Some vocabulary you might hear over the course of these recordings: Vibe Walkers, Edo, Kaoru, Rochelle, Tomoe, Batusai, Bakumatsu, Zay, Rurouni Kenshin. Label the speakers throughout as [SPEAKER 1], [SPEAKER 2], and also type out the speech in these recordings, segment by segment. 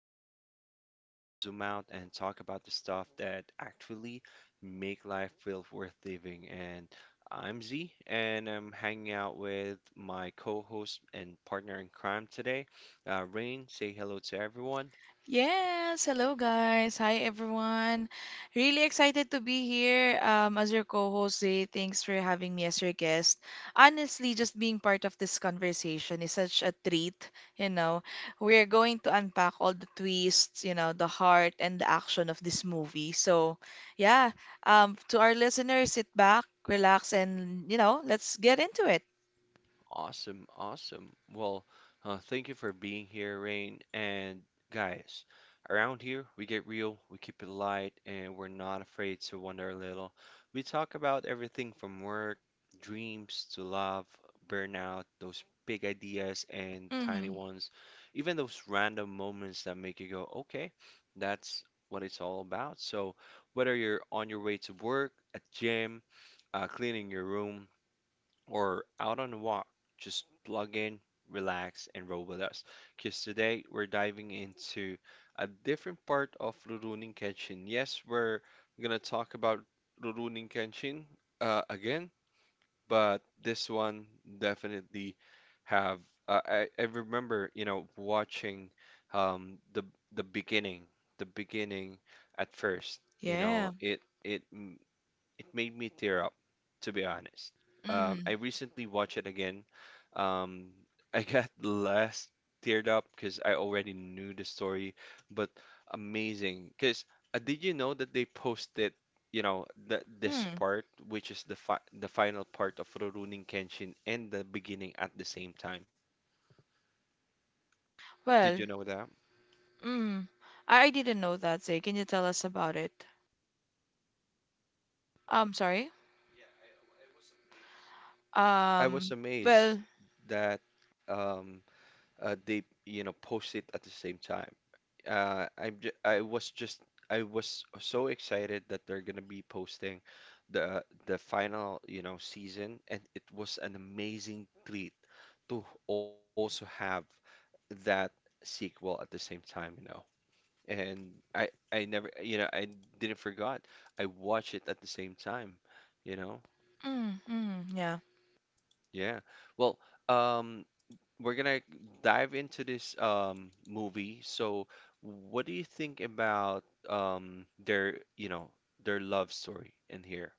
[SPEAKER 1] where we slow down, zoom out, and talk about the stuff that actually make life feel worth living. And I'm Z, and I'm hanging out with my co-host and partner in crime today, Rain. Say hello to everyone.
[SPEAKER 2] Yes, hello guys. Hi everyone. Really excited to be here as your co-host. Zay, thanks for having me as your guest. Honestly, just being part of this conversation is such a treat, you know. We're going to unpack all the twists, you know, the heart and the action of this movie. So, yeah, to our listeners, sit back, relax, and you know, let's get into it.
[SPEAKER 1] Awesome, awesome. Well, thank you for being here, Rain. And guys, around here, we get real, we keep it light, and we're not afraid to wonder a little. We talk about everything from work, dreams to love, burnout, those big ideas and tiny
[SPEAKER 2] Hmm.
[SPEAKER 1] ones, even those random moments that make you go, okay, that's what it's all about. So, whether you're on your way to work, at gym, cleaning your room, or out on a walk, just plug in, relax, and roll with us. Because today we're diving into a different part of Rurouni Kenshin. Yes, we're gonna talk about Rurouni Kenshin again, but this one definitely have I remember you know watching um, the the beginning, the beginning at first. You
[SPEAKER 2] Yeah.
[SPEAKER 1] know, it it made me tear up, to be honest.
[SPEAKER 2] Mm-hmm.
[SPEAKER 1] I recently watched it again. Um, I got less teared up because I already knew the story, but amazing. Because did you know that they posted, you know, the, this
[SPEAKER 2] Hmm.
[SPEAKER 1] part, which is the fi the final part of Rurouni Kenshin and the beginning at the same time? Did
[SPEAKER 2] Well,
[SPEAKER 1] you know that?
[SPEAKER 2] mm, I didn't know that, Zay. Can you tell us about it? Sorry.
[SPEAKER 1] I was
[SPEAKER 2] Um, well,
[SPEAKER 1] amazed that um, they, you know, post it at the same time. I was just I was so excited that they're gonna be posting the final, you know, season, and it was an amazing treat to also have that sequel at the same time, you know. And I never, you know, I didn't forgot. I watched it at the same time, you know.
[SPEAKER 2] mm, mm, yeah.
[SPEAKER 1] Yeah. Well, um, we're gonna dive into this movie. So, what do you think about their, you know, their love story in here?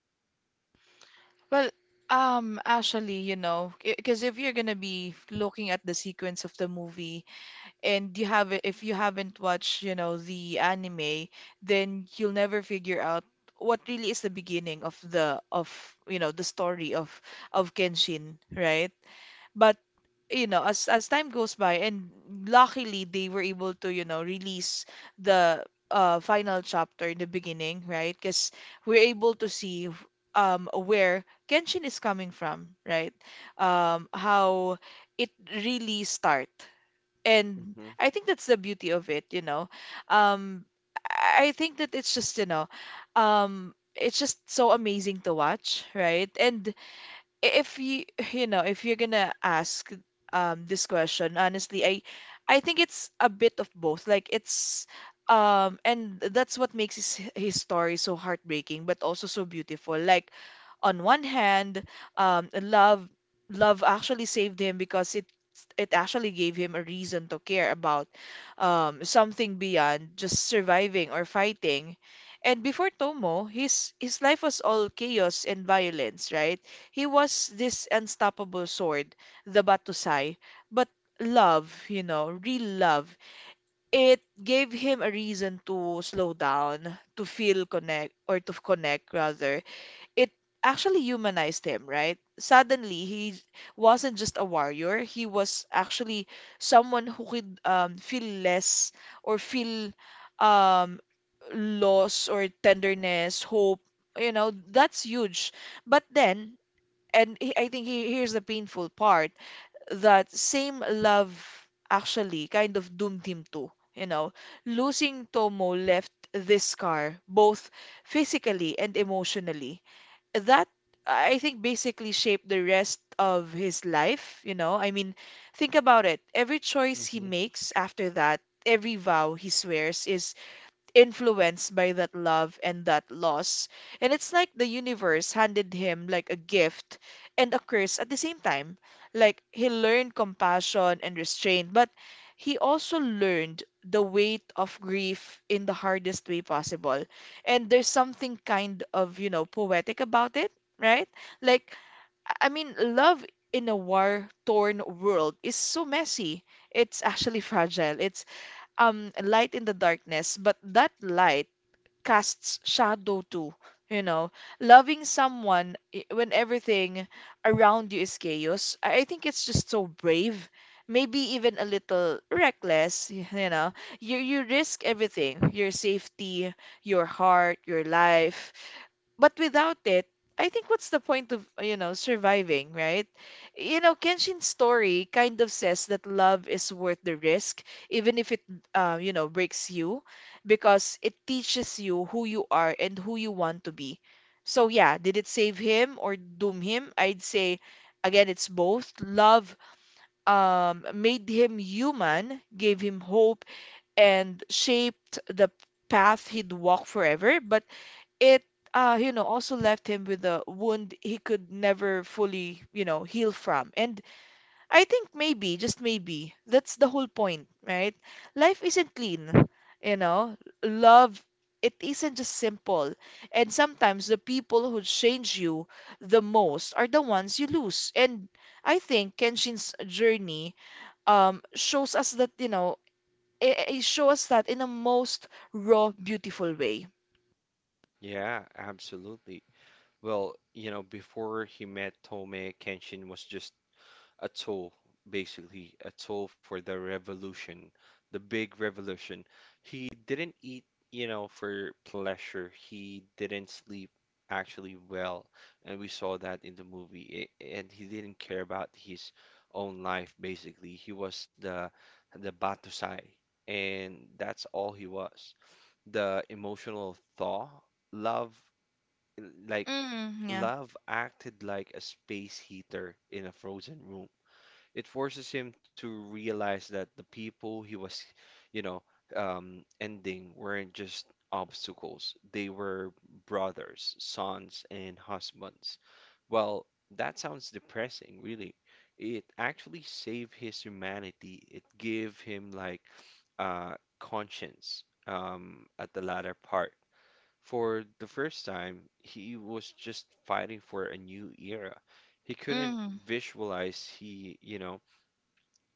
[SPEAKER 2] Well, actually, you know, because if you're gonna be looking at the sequence of the movie and you have if you haven't watched, you know, the anime, then you'll never figure out what really is the beginning of the of you know the story of Kenshin, right? But you know, as time goes by, and luckily they were able to, you know, release the final chapter in the beginning, right? Because we're able to see where Kenshin is coming from, right? How it really start, and
[SPEAKER 1] Hmm
[SPEAKER 2] I think that's the beauty of it, you know. Um, I think that it's just, you know, it's just so amazing to watch, right? And if you you know if you're gonna ask this question honestly I think it's a bit of both. Like it's um, and that's what makes his story so heartbreaking but also so beautiful. Like on one hand, um, love love actually saved him because it actually gave him a reason to care about something beyond just surviving or fighting. And before Tomo, his life was all chaos and violence, right? He was this unstoppable sword, the Batusai, but love, you know, real love, it gave him a reason to slow down, to feel connect or to connect rather. It actually humanized him, right? Suddenly, he wasn't just a warrior. He was actually someone who could feel less or feel um, loss or tenderness, hope. You know, that's huge. But then, and he- I think he, here's the painful part, that same love actually kind of doomed him too. You know, losing Tomo left this scar both physically and emotionally that I think basically shaped the rest of his life, you know? I mean, think about it. Every choice he
[SPEAKER 1] hmm
[SPEAKER 2] makes after that, every vow he swears is influenced by that love and that loss. And it's like the universe handed him like a gift and a curse at the same time. Like he learned compassion and restraint, but he also learned the weight of grief in the hardest way possible. And there's something kind of, you know, poetic about it, right? Like, I mean, love in a war-torn world is so messy. It's actually fragile. It's light in the darkness, but that light casts shadow too. You know, loving someone when everything around you is chaos, I think it's just so brave. Maybe even a little reckless, you know. You risk everything, your safety, your heart, your life, but without it, I think what's the point of, you know, surviving, right? You know, Kenshin's story kind of says that love is worth the risk, even if it, you know, breaks you, because it teaches you who you are and who you want to be. So, yeah, did it save him or doom him? I'd say, again, it's both. Love made him human, gave him hope, and shaped the path he'd walk forever. But it you know also left him with a wound he could never fully you know heal from. And I think maybe, just maybe, that's the whole point, right? Life isn't clean, you know. Love, it isn't just simple, and sometimes the people who change you the most are the ones you lose. And I think Kenshin's journey shows us that, you know, it shows us that in a most raw beautiful way.
[SPEAKER 1] Yeah, absolutely. Well, you know, before he met Tome, Kenshin was just a tool, basically, a tool for the revolution, the big revolution. He didn't eat, you know, for pleasure. He didn't sleep actually well, and we saw that in the movie. And he didn't care about his own life, basically. He was the Batusai, and that's all he was. The emotional thaw, love, like
[SPEAKER 2] Mm, yeah.
[SPEAKER 1] love acted like a space heater in a frozen room. It forces him to realize that the people he was, you know, ending weren't just obstacles. They were brothers, sons, and husbands. Well, that sounds depressing, really. It actually saved his humanity. It gave him like conscience at the latter part. For the first time, he was just fighting for a new era. He couldn't
[SPEAKER 2] Mm.
[SPEAKER 1] visualize he, you know,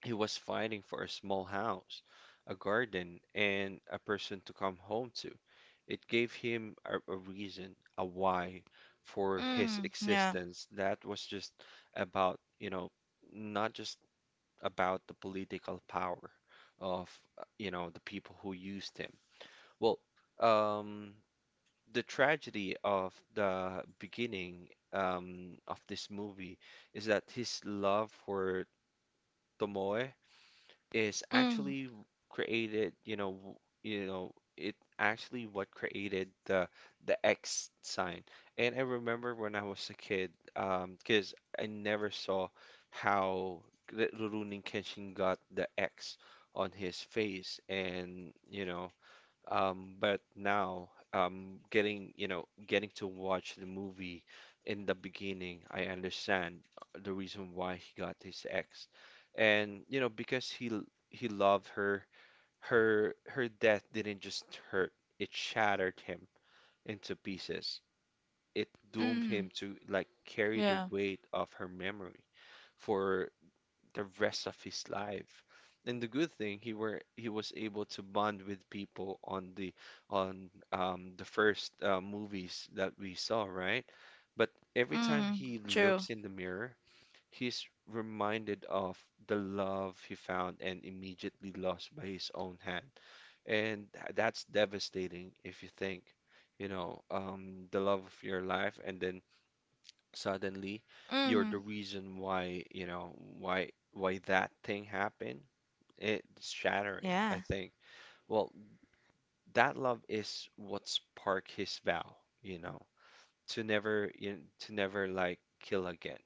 [SPEAKER 1] he was fighting for a small house, a garden, and a person to come home to. It gave him a reason, a why for his
[SPEAKER 2] Mm, yeah.
[SPEAKER 1] existence that was just about, you know, not just about the political power of, you know, the people who used him. Well, um, the tragedy of the beginning of this movie is that his love for Tomoe is
[SPEAKER 2] Mm,
[SPEAKER 1] actually created, you know, you know, it actually what created the X sign. And I remember when I was a kid, because I never saw how Rurouni Kenshin got the X on his face, and you know, but now, getting, you know, getting to watch the movie in the beginning, I understand the reason why he got his ex. And, you know, because he loved her, her death didn't just hurt, it shattered him into pieces. It doomed him
[SPEAKER 2] mm,
[SPEAKER 1] to like carry the
[SPEAKER 2] yeah.
[SPEAKER 1] weight of her memory for the rest of his life. And the good thing he was able to bond with people on the first movies that we saw, right? But every time
[SPEAKER 2] Mm,
[SPEAKER 1] he
[SPEAKER 2] true.
[SPEAKER 1] looks in the mirror, he's reminded of the love he found and immediately lost by his own hand. And that's devastating if you think, you know, the love of your life and then suddenly you're the
[SPEAKER 2] Mm,
[SPEAKER 1] reason why, you know, why that thing happened. It's shattering, I
[SPEAKER 2] yeah.
[SPEAKER 1] think. Well, that love is what sparked his vow, you know, to never, you know, to never like kill again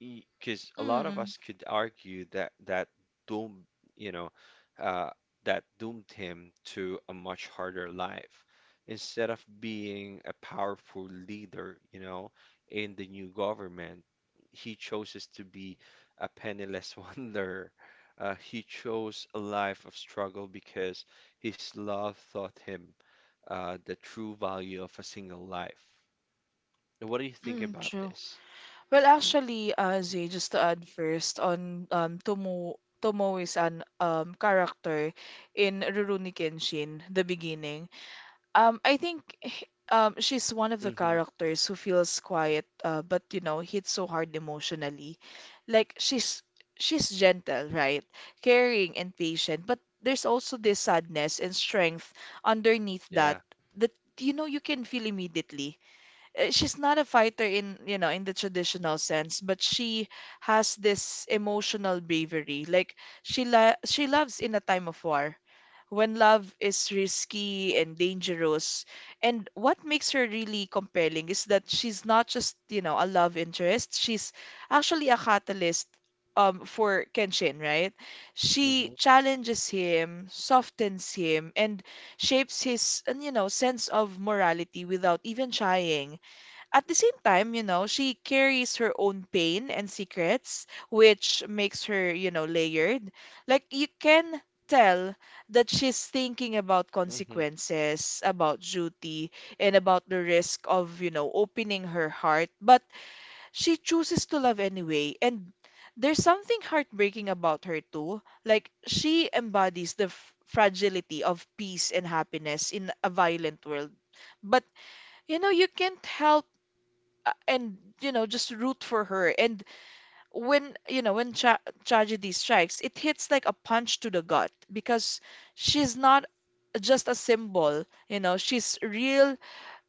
[SPEAKER 1] because a lot of
[SPEAKER 2] Mm,
[SPEAKER 1] us could argue that that doomed, you know, uh, that doomed him to a much harder life. Instead of being a powerful leader, you know, in the new government, he chooses to be a penniless wanderer. He chose a life of struggle because his love taught him the true value of a single life. What do you think
[SPEAKER 2] mm,
[SPEAKER 1] about
[SPEAKER 2] true.
[SPEAKER 1] this?
[SPEAKER 2] Well, actually, Zay, just to add first on Tomo is an character in Rurouni Kenshin, the beginning. I think she's one of the
[SPEAKER 1] Hmm
[SPEAKER 2] characters who feels quiet, but you know, hits so hard emotionally. Like she's gentle, right? Caring and patient, but there's also this sadness and strength underneath that
[SPEAKER 1] Yeah.
[SPEAKER 2] that you know you can feel immediately. She's not a fighter in you know in the traditional sense, but she has this emotional bravery. Like she loves in a time of war when love is risky and dangerous. And what makes her really compelling is that she's not just, you know, a love interest. She's actually a catalyst for Kenshin, right? She challenges him, softens him, and shapes his, you know, sense of morality without even trying. At the same time, you know, she carries her own pain and secrets, which makes her, you know, layered. Like you can tell that she's thinking about
[SPEAKER 1] hmm
[SPEAKER 2] consequences, about duty, and about the risk of, you know, opening her heart, but she chooses to love anyway. And there's something heartbreaking about her too. Like she embodies the fragility of peace and happiness in a violent world. But you know, you can't help and you know just root for her. And when you know when tragedy strikes, it hits like a punch to the gut because she's not just a symbol. You know, she's real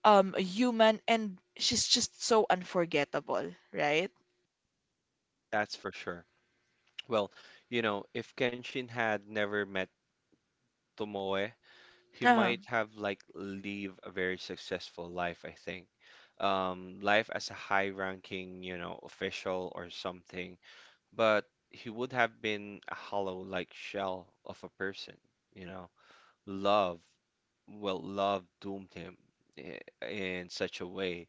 [SPEAKER 2] human, and she's just so unforgettable, right?
[SPEAKER 1] That's for sure. Well, you know, if Kenshin had never met Tomoe, he
[SPEAKER 2] Uh-huh.
[SPEAKER 1] might have like live a very successful life, I think. Life as a high-ranking, you know, official or something, but he would have been a hollow like shell of a person, you know. Love, well, love doomed him i- in such a way.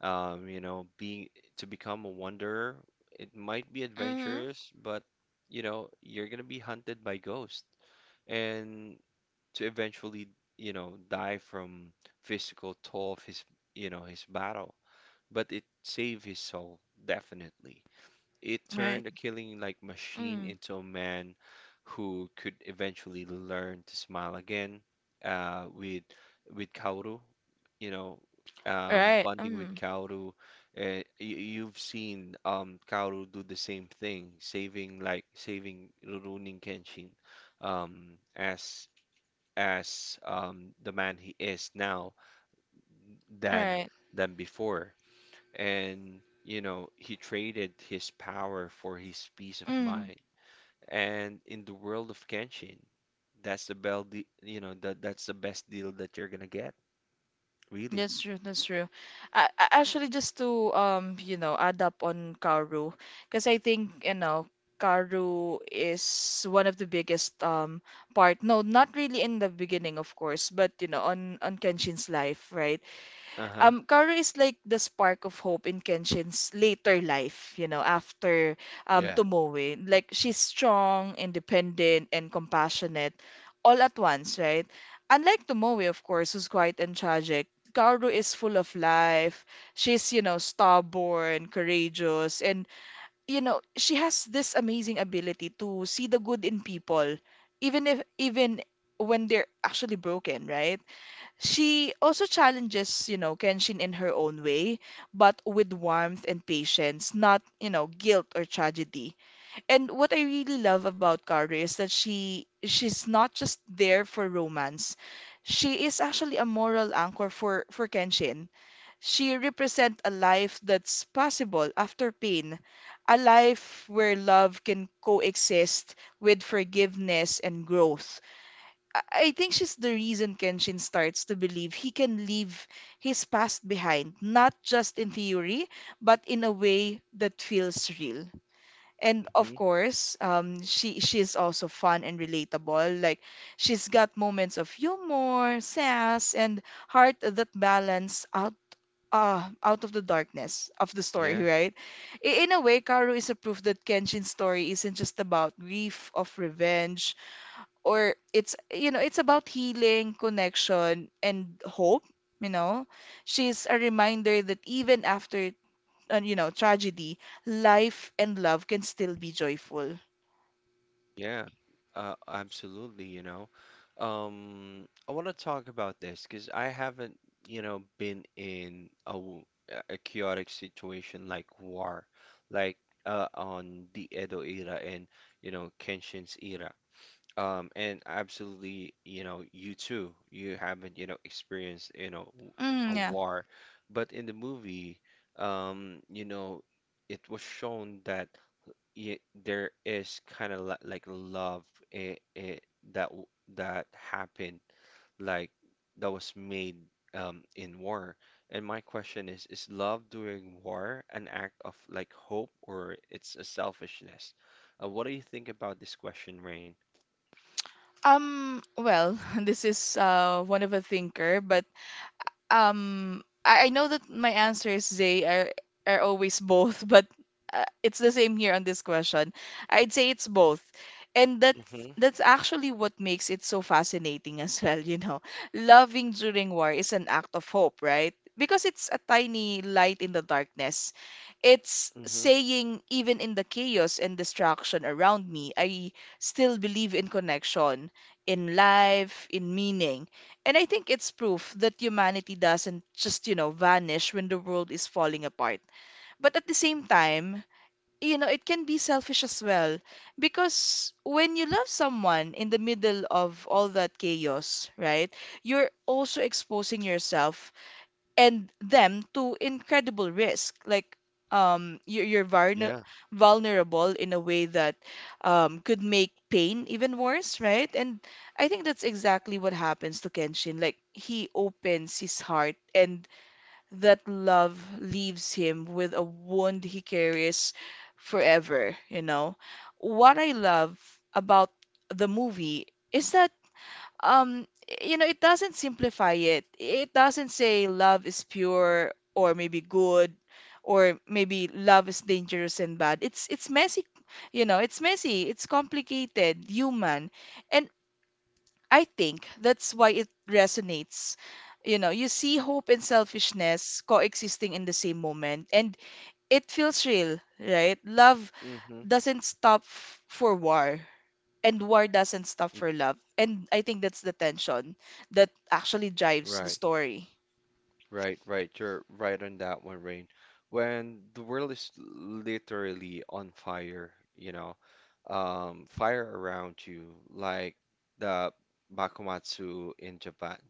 [SPEAKER 1] You know, being to become a wanderer, it might be
[SPEAKER 2] Mm-hmm.
[SPEAKER 1] adventurous, but you know, you're gonna be hunted by ghosts and to eventually, you know, die from physical toll of his, you know, his battle. But it saved his soul, definitely. It
[SPEAKER 2] Right.
[SPEAKER 1] turned a killing like machine
[SPEAKER 2] Mm.
[SPEAKER 1] into a man who could eventually learn to smile again uh, with with Kaoru, you know,
[SPEAKER 2] Right.
[SPEAKER 1] bonding with
[SPEAKER 2] Mm.
[SPEAKER 1] Kaoru. You, you've seen Kaoru do the same thing, saving like saving Rurouni Kenshin as the man he is now than
[SPEAKER 2] Right.
[SPEAKER 1] than before, and you know he traded his power for his peace of
[SPEAKER 2] Mm.
[SPEAKER 1] mind, and in the world of Kenshin that's the bell de you know that that's the best deal that you're gonna get, really.
[SPEAKER 2] That's true, that's true. I actually just to you know add up on Karu, because I think you know Karu is one of the biggest part. No, not really in the beginning, of course, but you know on Kenshin's life, right?
[SPEAKER 1] Uh-huh.
[SPEAKER 2] Kaoru is like the spark of hope in Kenshin's later life, you know, after
[SPEAKER 1] Yeah.
[SPEAKER 2] Tomoe. Like, she's strong, independent, and compassionate all at once, right? Unlike Tomoe, of course, who's quiet and tragic, Kaoru is full of life. She's, you know, stubborn, courageous, and, you know, she has this amazing ability to see the good in people, even if, even when they're actually broken, right? She also challenges, you know, Kenshin in her own way, but with warmth and patience, not, you know, guilt or tragedy. And what I really love about Kaoru is that she's not just there for romance. She is actually a moral anchor for Kenshin. She represents a life that's possible after pain, a life where love can coexist with forgiveness and growth. I think she's the reason Kenshin starts to believe he can leave his past behind, not just in theory, but in a way that feels real. And of
[SPEAKER 1] hmm
[SPEAKER 2] course, she is also fun and relatable. Like she's got moments of humor, sass, and heart that balance out out of the darkness of the story,
[SPEAKER 1] yeah.
[SPEAKER 2] right? In a way, Karu is a proof that Kenshin's story isn't just about grief of revenge, or it's you know it's about healing, connection, and hope. You know, she's a reminder that even after you know tragedy, life and love can still be joyful.
[SPEAKER 1] Yeah, absolutely, you know, I want to talk about this because I haven't you know been in a a chaotic situation like war, like on the Edo era and you know Kenshin's era. And absolutely, you know, you too, you haven't, you know, experienced, you know,
[SPEAKER 2] Mm,
[SPEAKER 1] a
[SPEAKER 2] yeah.
[SPEAKER 1] war. But in the movie, you know, it was shown that y there is kind of like love it, it, that that happened, like that was made in war. And my question is love during war an act of like hope or it's a selfishness? What do you think about this question, Rain?
[SPEAKER 2] Um, well, this is one of a thinker, but um, I know that my answers, Zay, are always both, but it's the same here on this question. I'd say it's both, and that's actually what makes it so fascinating as well. You know, loving during war is an act of hope, right? Because it's a tiny light in the darkness. It's
[SPEAKER 1] Mm-hmm.
[SPEAKER 2] saying, even in the chaos and distraction around me, I still believe in connection, in life, in meaning. And I think it's proof that humanity doesn't just, you know, vanish when the world is falling apart. But at the same time, you know, it can be selfish as well. Because when you love someone in the middle of all that chaos, right, you're also exposing yourself and them to incredible risk. Like you're
[SPEAKER 1] Yeah.
[SPEAKER 2] vulnerable in a way that could make pain even worse, right? And I think that's exactly what happens to Kenshin. Like he opens his heart, and that love leaves him with a wound he carries forever. You know, what I love about the movie is that um you know it doesn't simplify it it doesn't say love is pure or maybe good or maybe love is dangerous and bad it's messy you know it's messy it's complicated human and I think that's why it resonates you know you see hope and selfishness coexisting in the same moment and it feels real right love
[SPEAKER 1] Mm-hmm.
[SPEAKER 2] doesn't stop for war, and war doesn't stop for love. And I think that's the tension that actually drives the
[SPEAKER 1] Right.
[SPEAKER 2] story.
[SPEAKER 1] Right, right. You're right on that one, Rain. When the world is literally on fire, you know, fire around you, like the Bakumatsu in Japan.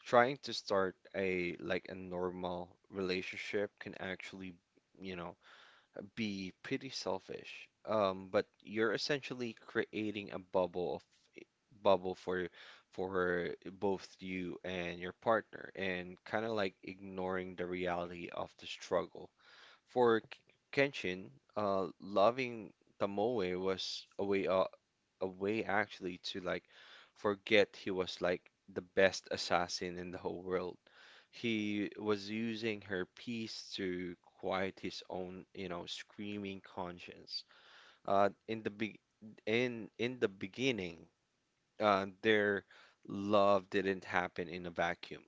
[SPEAKER 1] Trying to start a like a normal relationship can actually, you know, be pretty selfish. But you're essentially creating a bubble for for both you and your partner and kind of like ignoring the reality of the struggle. For Kenshin, loving Tomoe was a way actually to like forget he was like the best assassin in the whole world. He was using her peace to quiet his own, you know, screaming conscience. In the be in the beginning, their love didn't happen in a vacuum.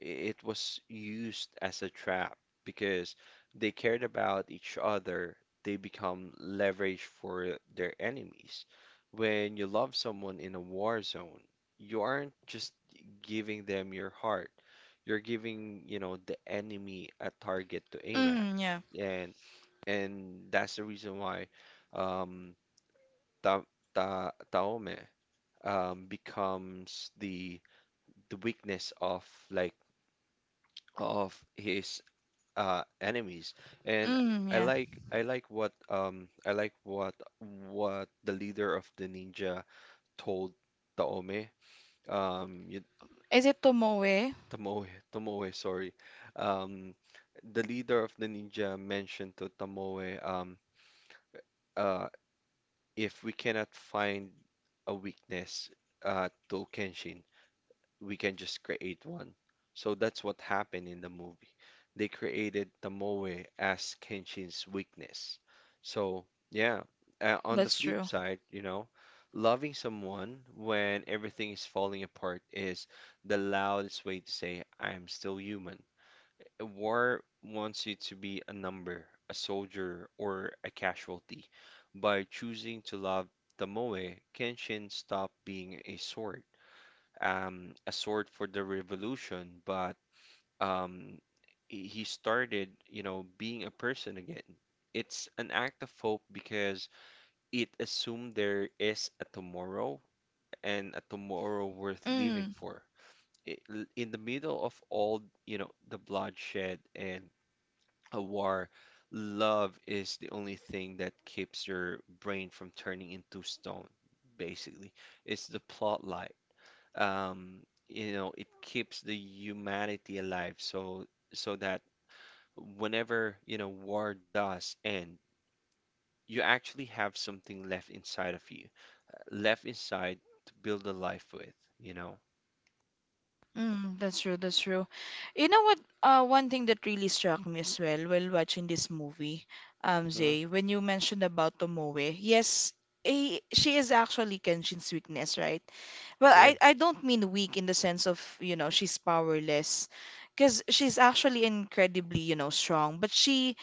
[SPEAKER 1] I- It was used as a trap because they cared about each other. They become leverage for their enemies. When you love someone in a war zone, you aren't just giving them your heart. You're giving, you know, the enemy a target to aim at.
[SPEAKER 2] Mm, yeah.
[SPEAKER 1] And and that's the reason why um, Ta Ta Taome becomes the weakness of like of his enemies. And
[SPEAKER 2] Mm, yeah.
[SPEAKER 1] I like what the leader of the ninja told Taome um y-
[SPEAKER 2] Is it Tomoe?
[SPEAKER 1] Tomoe, Tomoe, sorry, um the leader of the ninja mentioned to Tomoe uh if we cannot find a weakness to Kenshin we can just create one. So that's what happened in the movie. They created Tomoe as Kenshin's weakness. So, yeah, on the
[SPEAKER 2] That's
[SPEAKER 1] flip
[SPEAKER 2] true.
[SPEAKER 1] side, you know, loving someone when everything is falling apart is the loudest way to say, I'm still human. War wants you to be a number, a soldier, or a casualty. By choosing to love Tomoe, Kenshin stopped being a sword for the revolution, but um, he started, you know, being a person again. It's an act of hope because it assumed there is a tomorrow and a tomorrow worth living
[SPEAKER 2] Mm,
[SPEAKER 1] for. In the middle of all, you know, the bloodshed and a war, love is the only thing that keeps your brain from turning into stone, basically. It's the plot line um, you know, it keeps the humanity alive so that whenever, you know, war does end, you actually have something left inside of you, left inside to build a life with, you know.
[SPEAKER 2] mm, that's true, that's true. You know what? One thing that really struck me as well while watching this movie,
[SPEAKER 1] Hmm.
[SPEAKER 2] Zay, when you mentioned about Tomoe, yes, she is actually Kenshin's weakness, right? Well,
[SPEAKER 1] Yeah,
[SPEAKER 2] I don't mean weak in the sense of, you know, she's powerless because she's actually incredibly, you know, strong, but she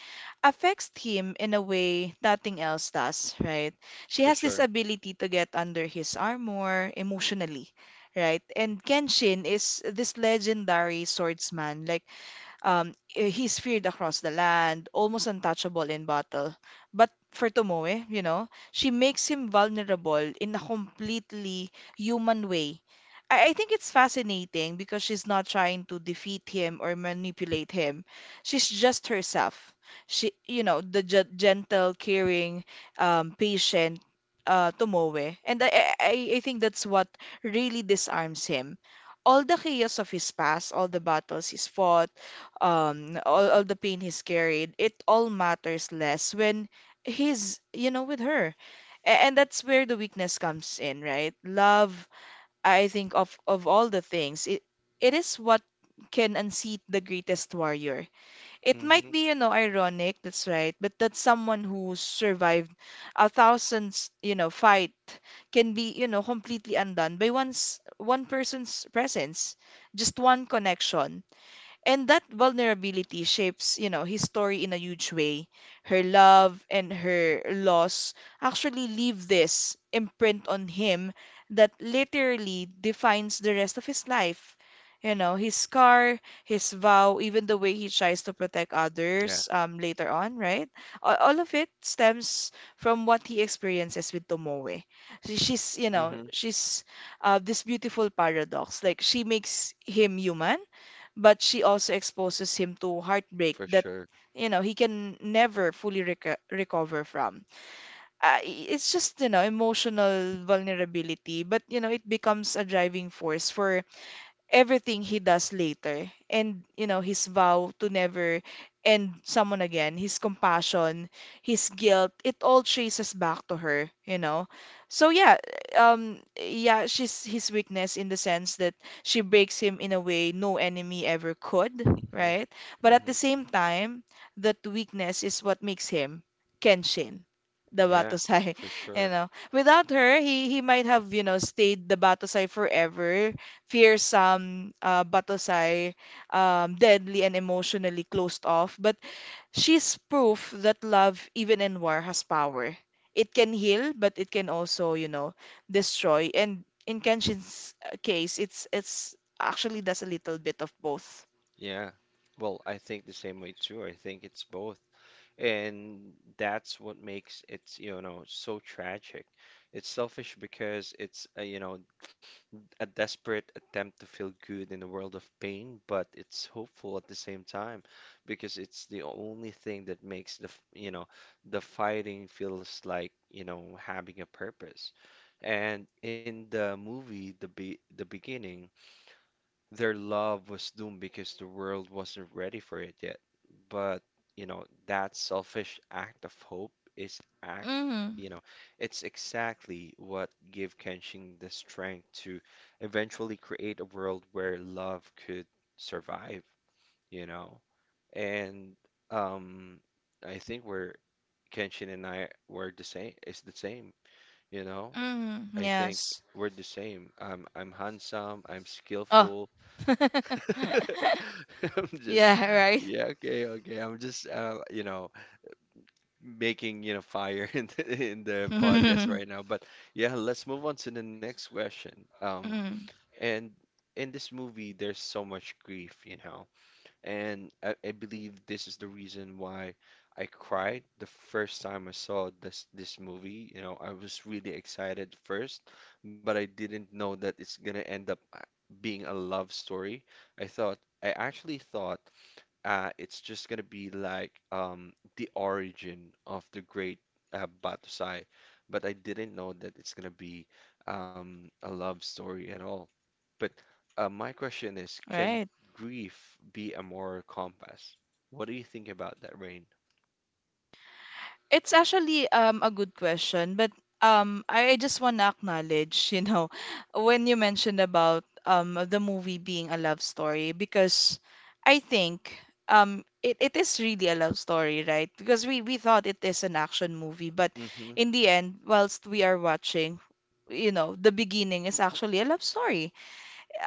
[SPEAKER 2] affects him in a way nothing else does, right? She
[SPEAKER 1] for
[SPEAKER 2] has this
[SPEAKER 1] sure.
[SPEAKER 2] ability to get under his armor emotionally, right? And Kenshin is this legendary swordsman, like he's feared across the land, almost untouchable in battle. But for Tomoe, you know, she makes him vulnerable in a completely human way. I think it's fascinating because she's not trying to defeat him or manipulate him. She's just herself. She, you know, the gentle, caring, patient Tomoe. And I think that's what really disarms him. All the chaos of his past, all the battles he's fought, all the pain he's carried, it all matters less when he's, you know, with her. And that's where the weakness comes in, right? Love, I think, of all the things, it is what can unseat the greatest warrior. It might
[SPEAKER 1] Hmm.
[SPEAKER 2] be, you know, ironic, that's right, but that someone who survived a thousand, you know, fight can be, you know, completely undone by one person's presence, just one connection. And that vulnerability shapes, you know, his story in a huge way. Her love and her loss actually leave this imprint on him that literally defines the rest of his life. You know, his scar, his vow, even the way he tries to protect
[SPEAKER 1] Yeah.
[SPEAKER 2] others later on, right? All of it stems from what he experiences with Tomoe. She's, you
[SPEAKER 1] Hmm.
[SPEAKER 2] know, she's this beautiful paradox. Like, she makes him human, but she also exposes him to heartbreak
[SPEAKER 1] For
[SPEAKER 2] that,
[SPEAKER 1] sure.
[SPEAKER 2] you know, he can never fully recover from. It's just, you know, emotional vulnerability, but you know it becomes a driving force for everything he does later. And you know his vow to never end someone again, his compassion, his guilt, it all traces back to her, you know. So yeah, yeah, she's his weakness in the sense that she breaks him in a way no enemy ever could,
[SPEAKER 1] Hmm.
[SPEAKER 2] right? But at the
[SPEAKER 1] Hmm.
[SPEAKER 2] same time, that weakness is what makes him Kenshin the
[SPEAKER 1] Yeah,
[SPEAKER 2] Batosai.
[SPEAKER 1] for
[SPEAKER 2] You
[SPEAKER 1] sure.
[SPEAKER 2] know, without her, he might have, you know, stayed the Batosai forever, fearsome, batosai, deadly, and emotionally closed off. But she's proof that love, even in war, has power. It can heal, but it can also, you know, destroy. And in Kenshin's case, it's actually does a little bit of both.
[SPEAKER 1] Yeah. Well, I think the same way too. I think it's both. And that's what makes it, you know, so tragic. It's selfish because it's, you know, a desperate attempt to feel good in a world of pain, but it's hopeful at the same time because it's the only thing that makes you know, the fighting feels like, you know, having a purpose. And in the movie, the beginning their love was doomed because the world wasn't ready for it yet. But, you know, that selfish act of hope is act,
[SPEAKER 2] Mm-hmm.
[SPEAKER 1] you know, it's exactly what gave Kenshin the strength to eventually create a world where love could survive, you know. And um I think we're Kenshin and I were the same, it's the same, you know.
[SPEAKER 2] Mm-hmm.
[SPEAKER 1] I think
[SPEAKER 2] Yes.
[SPEAKER 1] we're the same. I'm handsome, I'm
[SPEAKER 2] Oh.
[SPEAKER 1] skillful, I'm just,
[SPEAKER 2] Yeah, right.
[SPEAKER 1] yeah, okay, okay. I'm just, you know, making, you know, fire in the podcast right now. But yeah, let's move on to the next question. Um,
[SPEAKER 2] Mm-hmm.
[SPEAKER 1] and in this movie, there's so much grief, you know, and I believe this is the reason why I cried the first time I saw this movie. You know, I was really excited first, but I didn't know that it's gonna end up being a love story. I actually thought it's just gonna be like the origin of the great Batusai, but I didn't know that it's gonna be a love story at all. But my question is, can
[SPEAKER 2] Right.
[SPEAKER 1] grief be a moral compass? What do you think about that, Rain?
[SPEAKER 2] It's actually a good question, but I just want to acknowledge, you know, when you mentioned about the movie being a love story, because I think it, it is really a love story, right? Because we thought it is an action movie, but
[SPEAKER 1] Mm-hmm.
[SPEAKER 2] in the end, whilst we are watching, you know, the beginning is actually a love story.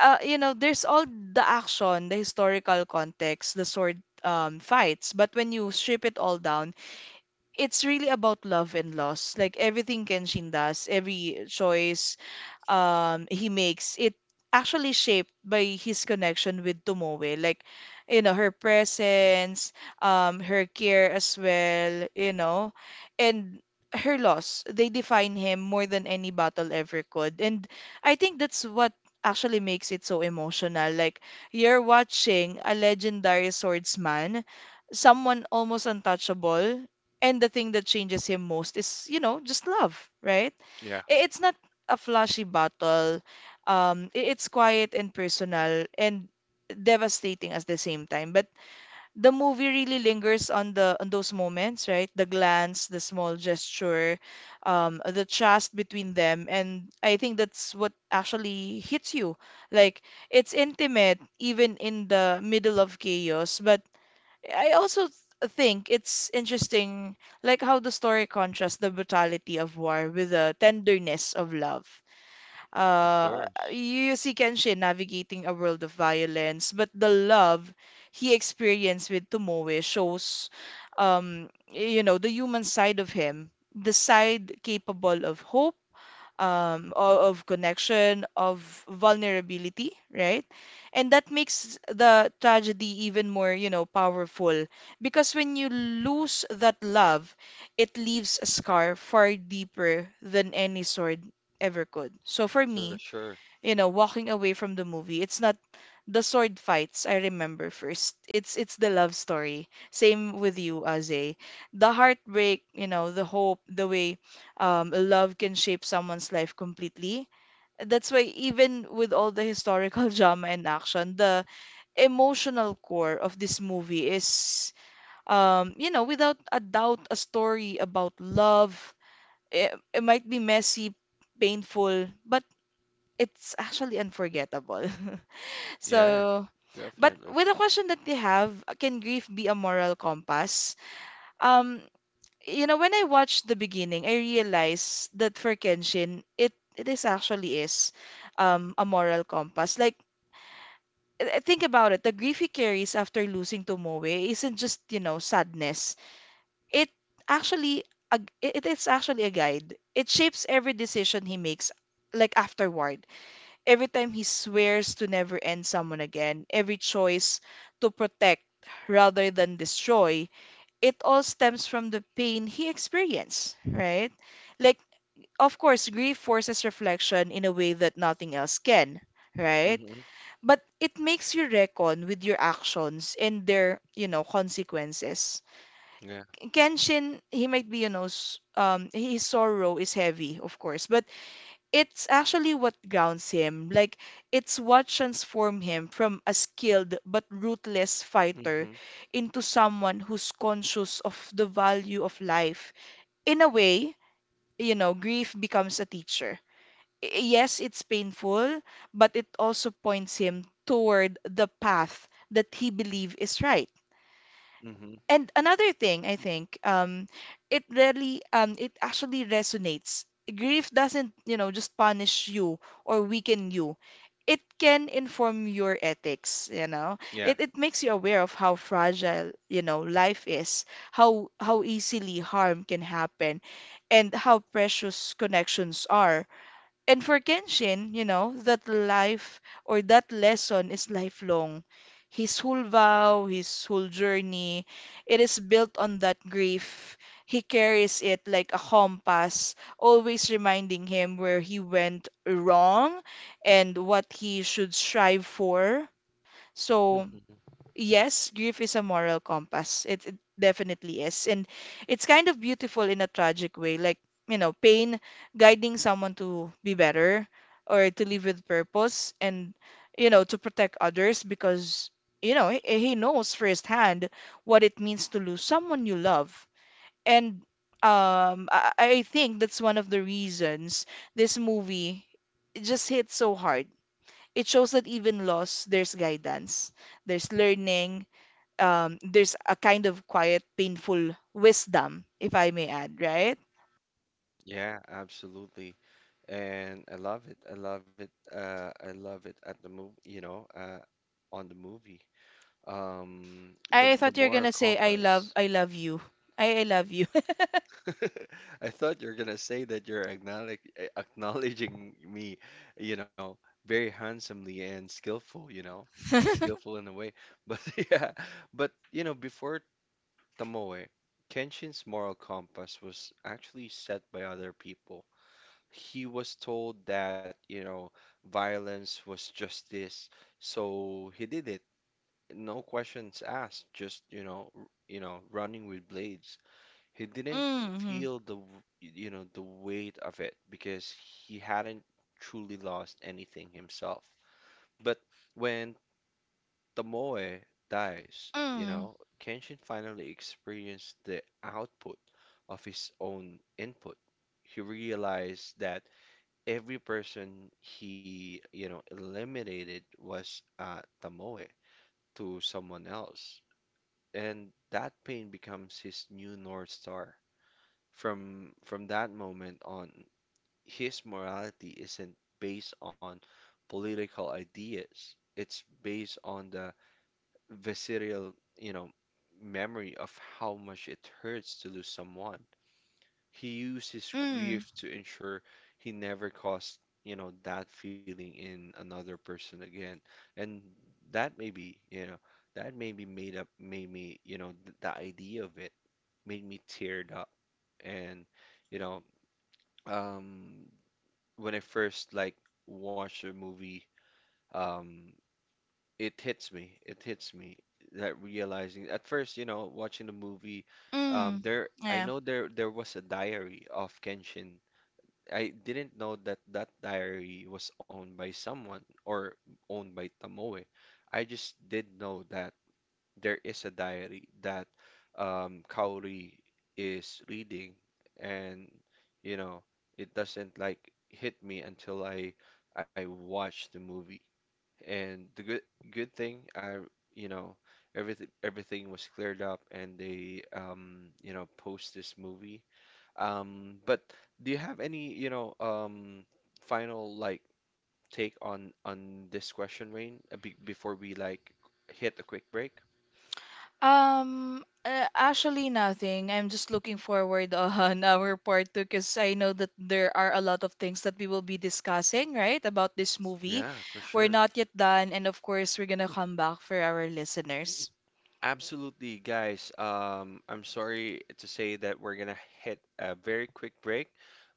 [SPEAKER 2] You know, there's all the action, the historical context, the sword fights, but when you strip it all down, it's really about love and loss. Like everything Kenshin does, every choice, he makes it actually shaped by his connection with Tomoe. Like, you know, her presence, her care as well, you know, and her loss. They define him more than any battle ever could. And I think that's what actually makes it so emotional. Like, you're watching a legendary swordsman, someone almost untouchable, and the thing that changes him most is, you know, just love, right?
[SPEAKER 1] Yeah,
[SPEAKER 2] It's not a flashy battle. It's quiet and personal and devastating at the same time. But the movie really lingers on the on those moments, right? The glance, the small gesture, the trust between them, and I think that's what actually hits you. Like, it's intimate even in the middle of chaos. But I also think it's interesting, like how the story contrasts the brutality of war with the tenderness of love.
[SPEAKER 1] of
[SPEAKER 2] Uh,
[SPEAKER 1] course,
[SPEAKER 2] you you see Kenshin navigating a world of violence, but the love he experienced with Tomoe shows, you know, the human side of him, the side capable of hope of connection, of vulnerability, right? And that makes the tragedy even more, you know, powerful, because when you lose that love, it leaves a scar far deeper than any sword ever could. So for
[SPEAKER 1] for
[SPEAKER 2] me,
[SPEAKER 1] sure.
[SPEAKER 2] you know, walking away from the movie, it's not the sword fights I remember first. It's the love story. Same with you, Aze. The heartbreak, you know, the hope, the way love can shape someone's life completely. That's why even with all the historical drama and action, the emotional core of this movie is, you know, without a doubt, a story about love. It might be messy, painful, but it's actually unforgettable.
[SPEAKER 1] Yeah,
[SPEAKER 2] So, but
[SPEAKER 1] definitely.
[SPEAKER 2] with the question that you have, can grief be a moral compass? Um, you know, when I watched the beginning, I realized that for Kenshin, it is actually is a moral compass. Like, I think about it, the grief he carries after losing Tomoe isn't just, you know, sadness. It actually a, it is actually a guide. It shapes every decision he makes, like afterward. Every time he swears to never end someone again, every choice to protect rather than destroy, it all stems from the pain he experienced, right? Like, of course, grief forces reflection in a way that nothing else can, right?
[SPEAKER 1] Mm-hmm.
[SPEAKER 2] But it makes you reckon with your actions and their, you know, consequences.
[SPEAKER 1] Yeah.
[SPEAKER 2] Kenshin, he might be, you know, his sorrow is heavy, of course, but it's actually what grounds him. Like, it's what transformed him from a skilled but ruthless fighter
[SPEAKER 1] Mm-hmm.
[SPEAKER 2] into someone who's conscious of the value of life. In a way, you know, grief becomes a teacher. Yes, it's painful, but it also points him toward the path that he believes is right.
[SPEAKER 1] Mm-hmm.
[SPEAKER 2] And another thing I think it really it actually resonates. Grief doesn't, you know, just punish you or weaken you. It can inform your ethics, you know.
[SPEAKER 1] Yeah.
[SPEAKER 2] It makes you aware of how fragile, you know, life is, how easily harm can happen, and how precious connections are. And for Kenshin, you know, that life or that lesson is lifelong. His whole vow, his whole journey, it is built on that grief. He carries it like a compass, always reminding him where he went wrong and what he should strive for. So,
[SPEAKER 1] Hmm.
[SPEAKER 2] yes, grief is a moral compass. It definitely is. And it's kind of beautiful in a tragic way, like, you know, pain guiding someone to be better or to live with purpose and, you know, to protect others because, you know, he knows firsthand what it means to lose someone you love. And I think that's one of the reasons this movie it just hits so hard. It shows that even loss, there's guidance, there's learning there's a kind of quiet, painful wisdom, if I may add, right?
[SPEAKER 1] Yeah, absolutely. And I love it. I love it. I love it at the move. You know, on the movie. Um, the
[SPEAKER 2] I
[SPEAKER 1] the
[SPEAKER 2] thought you're
[SPEAKER 1] moral
[SPEAKER 2] gonna say,
[SPEAKER 1] compass.
[SPEAKER 2] I love you. I love you.
[SPEAKER 1] I thought you're gonna say that you're acknowledging me, you know, very handsomely and skillful, you know, skillful in a way. But yeah, but you know, before Tomoe, Kenshin's moral compass was actually set by other people. He was told that, you know, violence was just this. So he did it. No questions asked, just, you know, you know, running with blades. He didn't
[SPEAKER 2] Mm-hmm.
[SPEAKER 1] feel you know, the weight of it because he hadn't truly lost anything himself. But when Tomoe dies, you
[SPEAKER 2] Mm,
[SPEAKER 1] know, Kenshin finally experienced the output of his own input. He realized that every person he, you know, eliminated was Tamoe to someone else. And that pain becomes his new North Star. From that moment on, his morality isn't based on political ideas. It's based on the visceral, you know, memory of how much it hurts to lose someone. He used his
[SPEAKER 2] mm,
[SPEAKER 1] grief to ensure he never caused, you know, that feeling in another person again. And that maybe, you know, that maybe made up made me, you know, th the idea of it made me teared up. And, you know, um when I first like watched a movie, um it hits me. It hits me that realizing at first, you know, watching the movie
[SPEAKER 2] mm,
[SPEAKER 1] there, I
[SPEAKER 2] yeah.
[SPEAKER 1] know there was a diary of Kenshin. I didn't know that that diary was owned by someone or owned by Tamoe. I just did know that there is a diary that Kaori is reading, and you know, it doesn't like hit me until I watch the movie. And the good thing, I you know, everything was cleared up, and they you know, post this movie but do you have any, you know, final like take on this question, Rain, be before we like hit a quick break?
[SPEAKER 2] Actually nothing. I'm just looking forward on our part two, because I know that there are a lot of things that we will be discussing, right, about this movie.
[SPEAKER 1] Yeah, for sure.
[SPEAKER 2] We're not yet done, and of course, we're gonna come back for our listeners.
[SPEAKER 1] Absolutely, guys. I'm sorry to say that we're gonna hit a very quick break,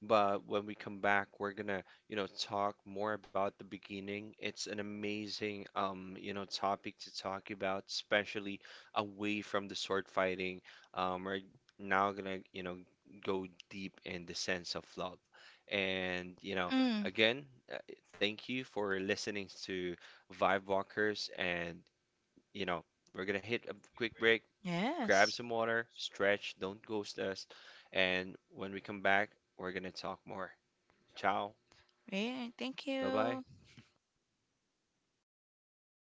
[SPEAKER 1] but when we come back, we're gonna, you know, talk more about the beginning. It's an amazing, you know, topic to talk about, especially away from the sword fighting. We're now gonna, you know, go deep in the sense of love. And, you know,
[SPEAKER 2] Mm.
[SPEAKER 1] again, uh, thank you for listening to Vibe Walkers and you know, we're gonna hit a quick break, grab
[SPEAKER 2] Yes.
[SPEAKER 1] some water, stretch, don't ghost us, and when we come back, we're gonna talk more. Ciao,
[SPEAKER 2] Yeah, thank
[SPEAKER 1] bye bye.
[SPEAKER 2] you.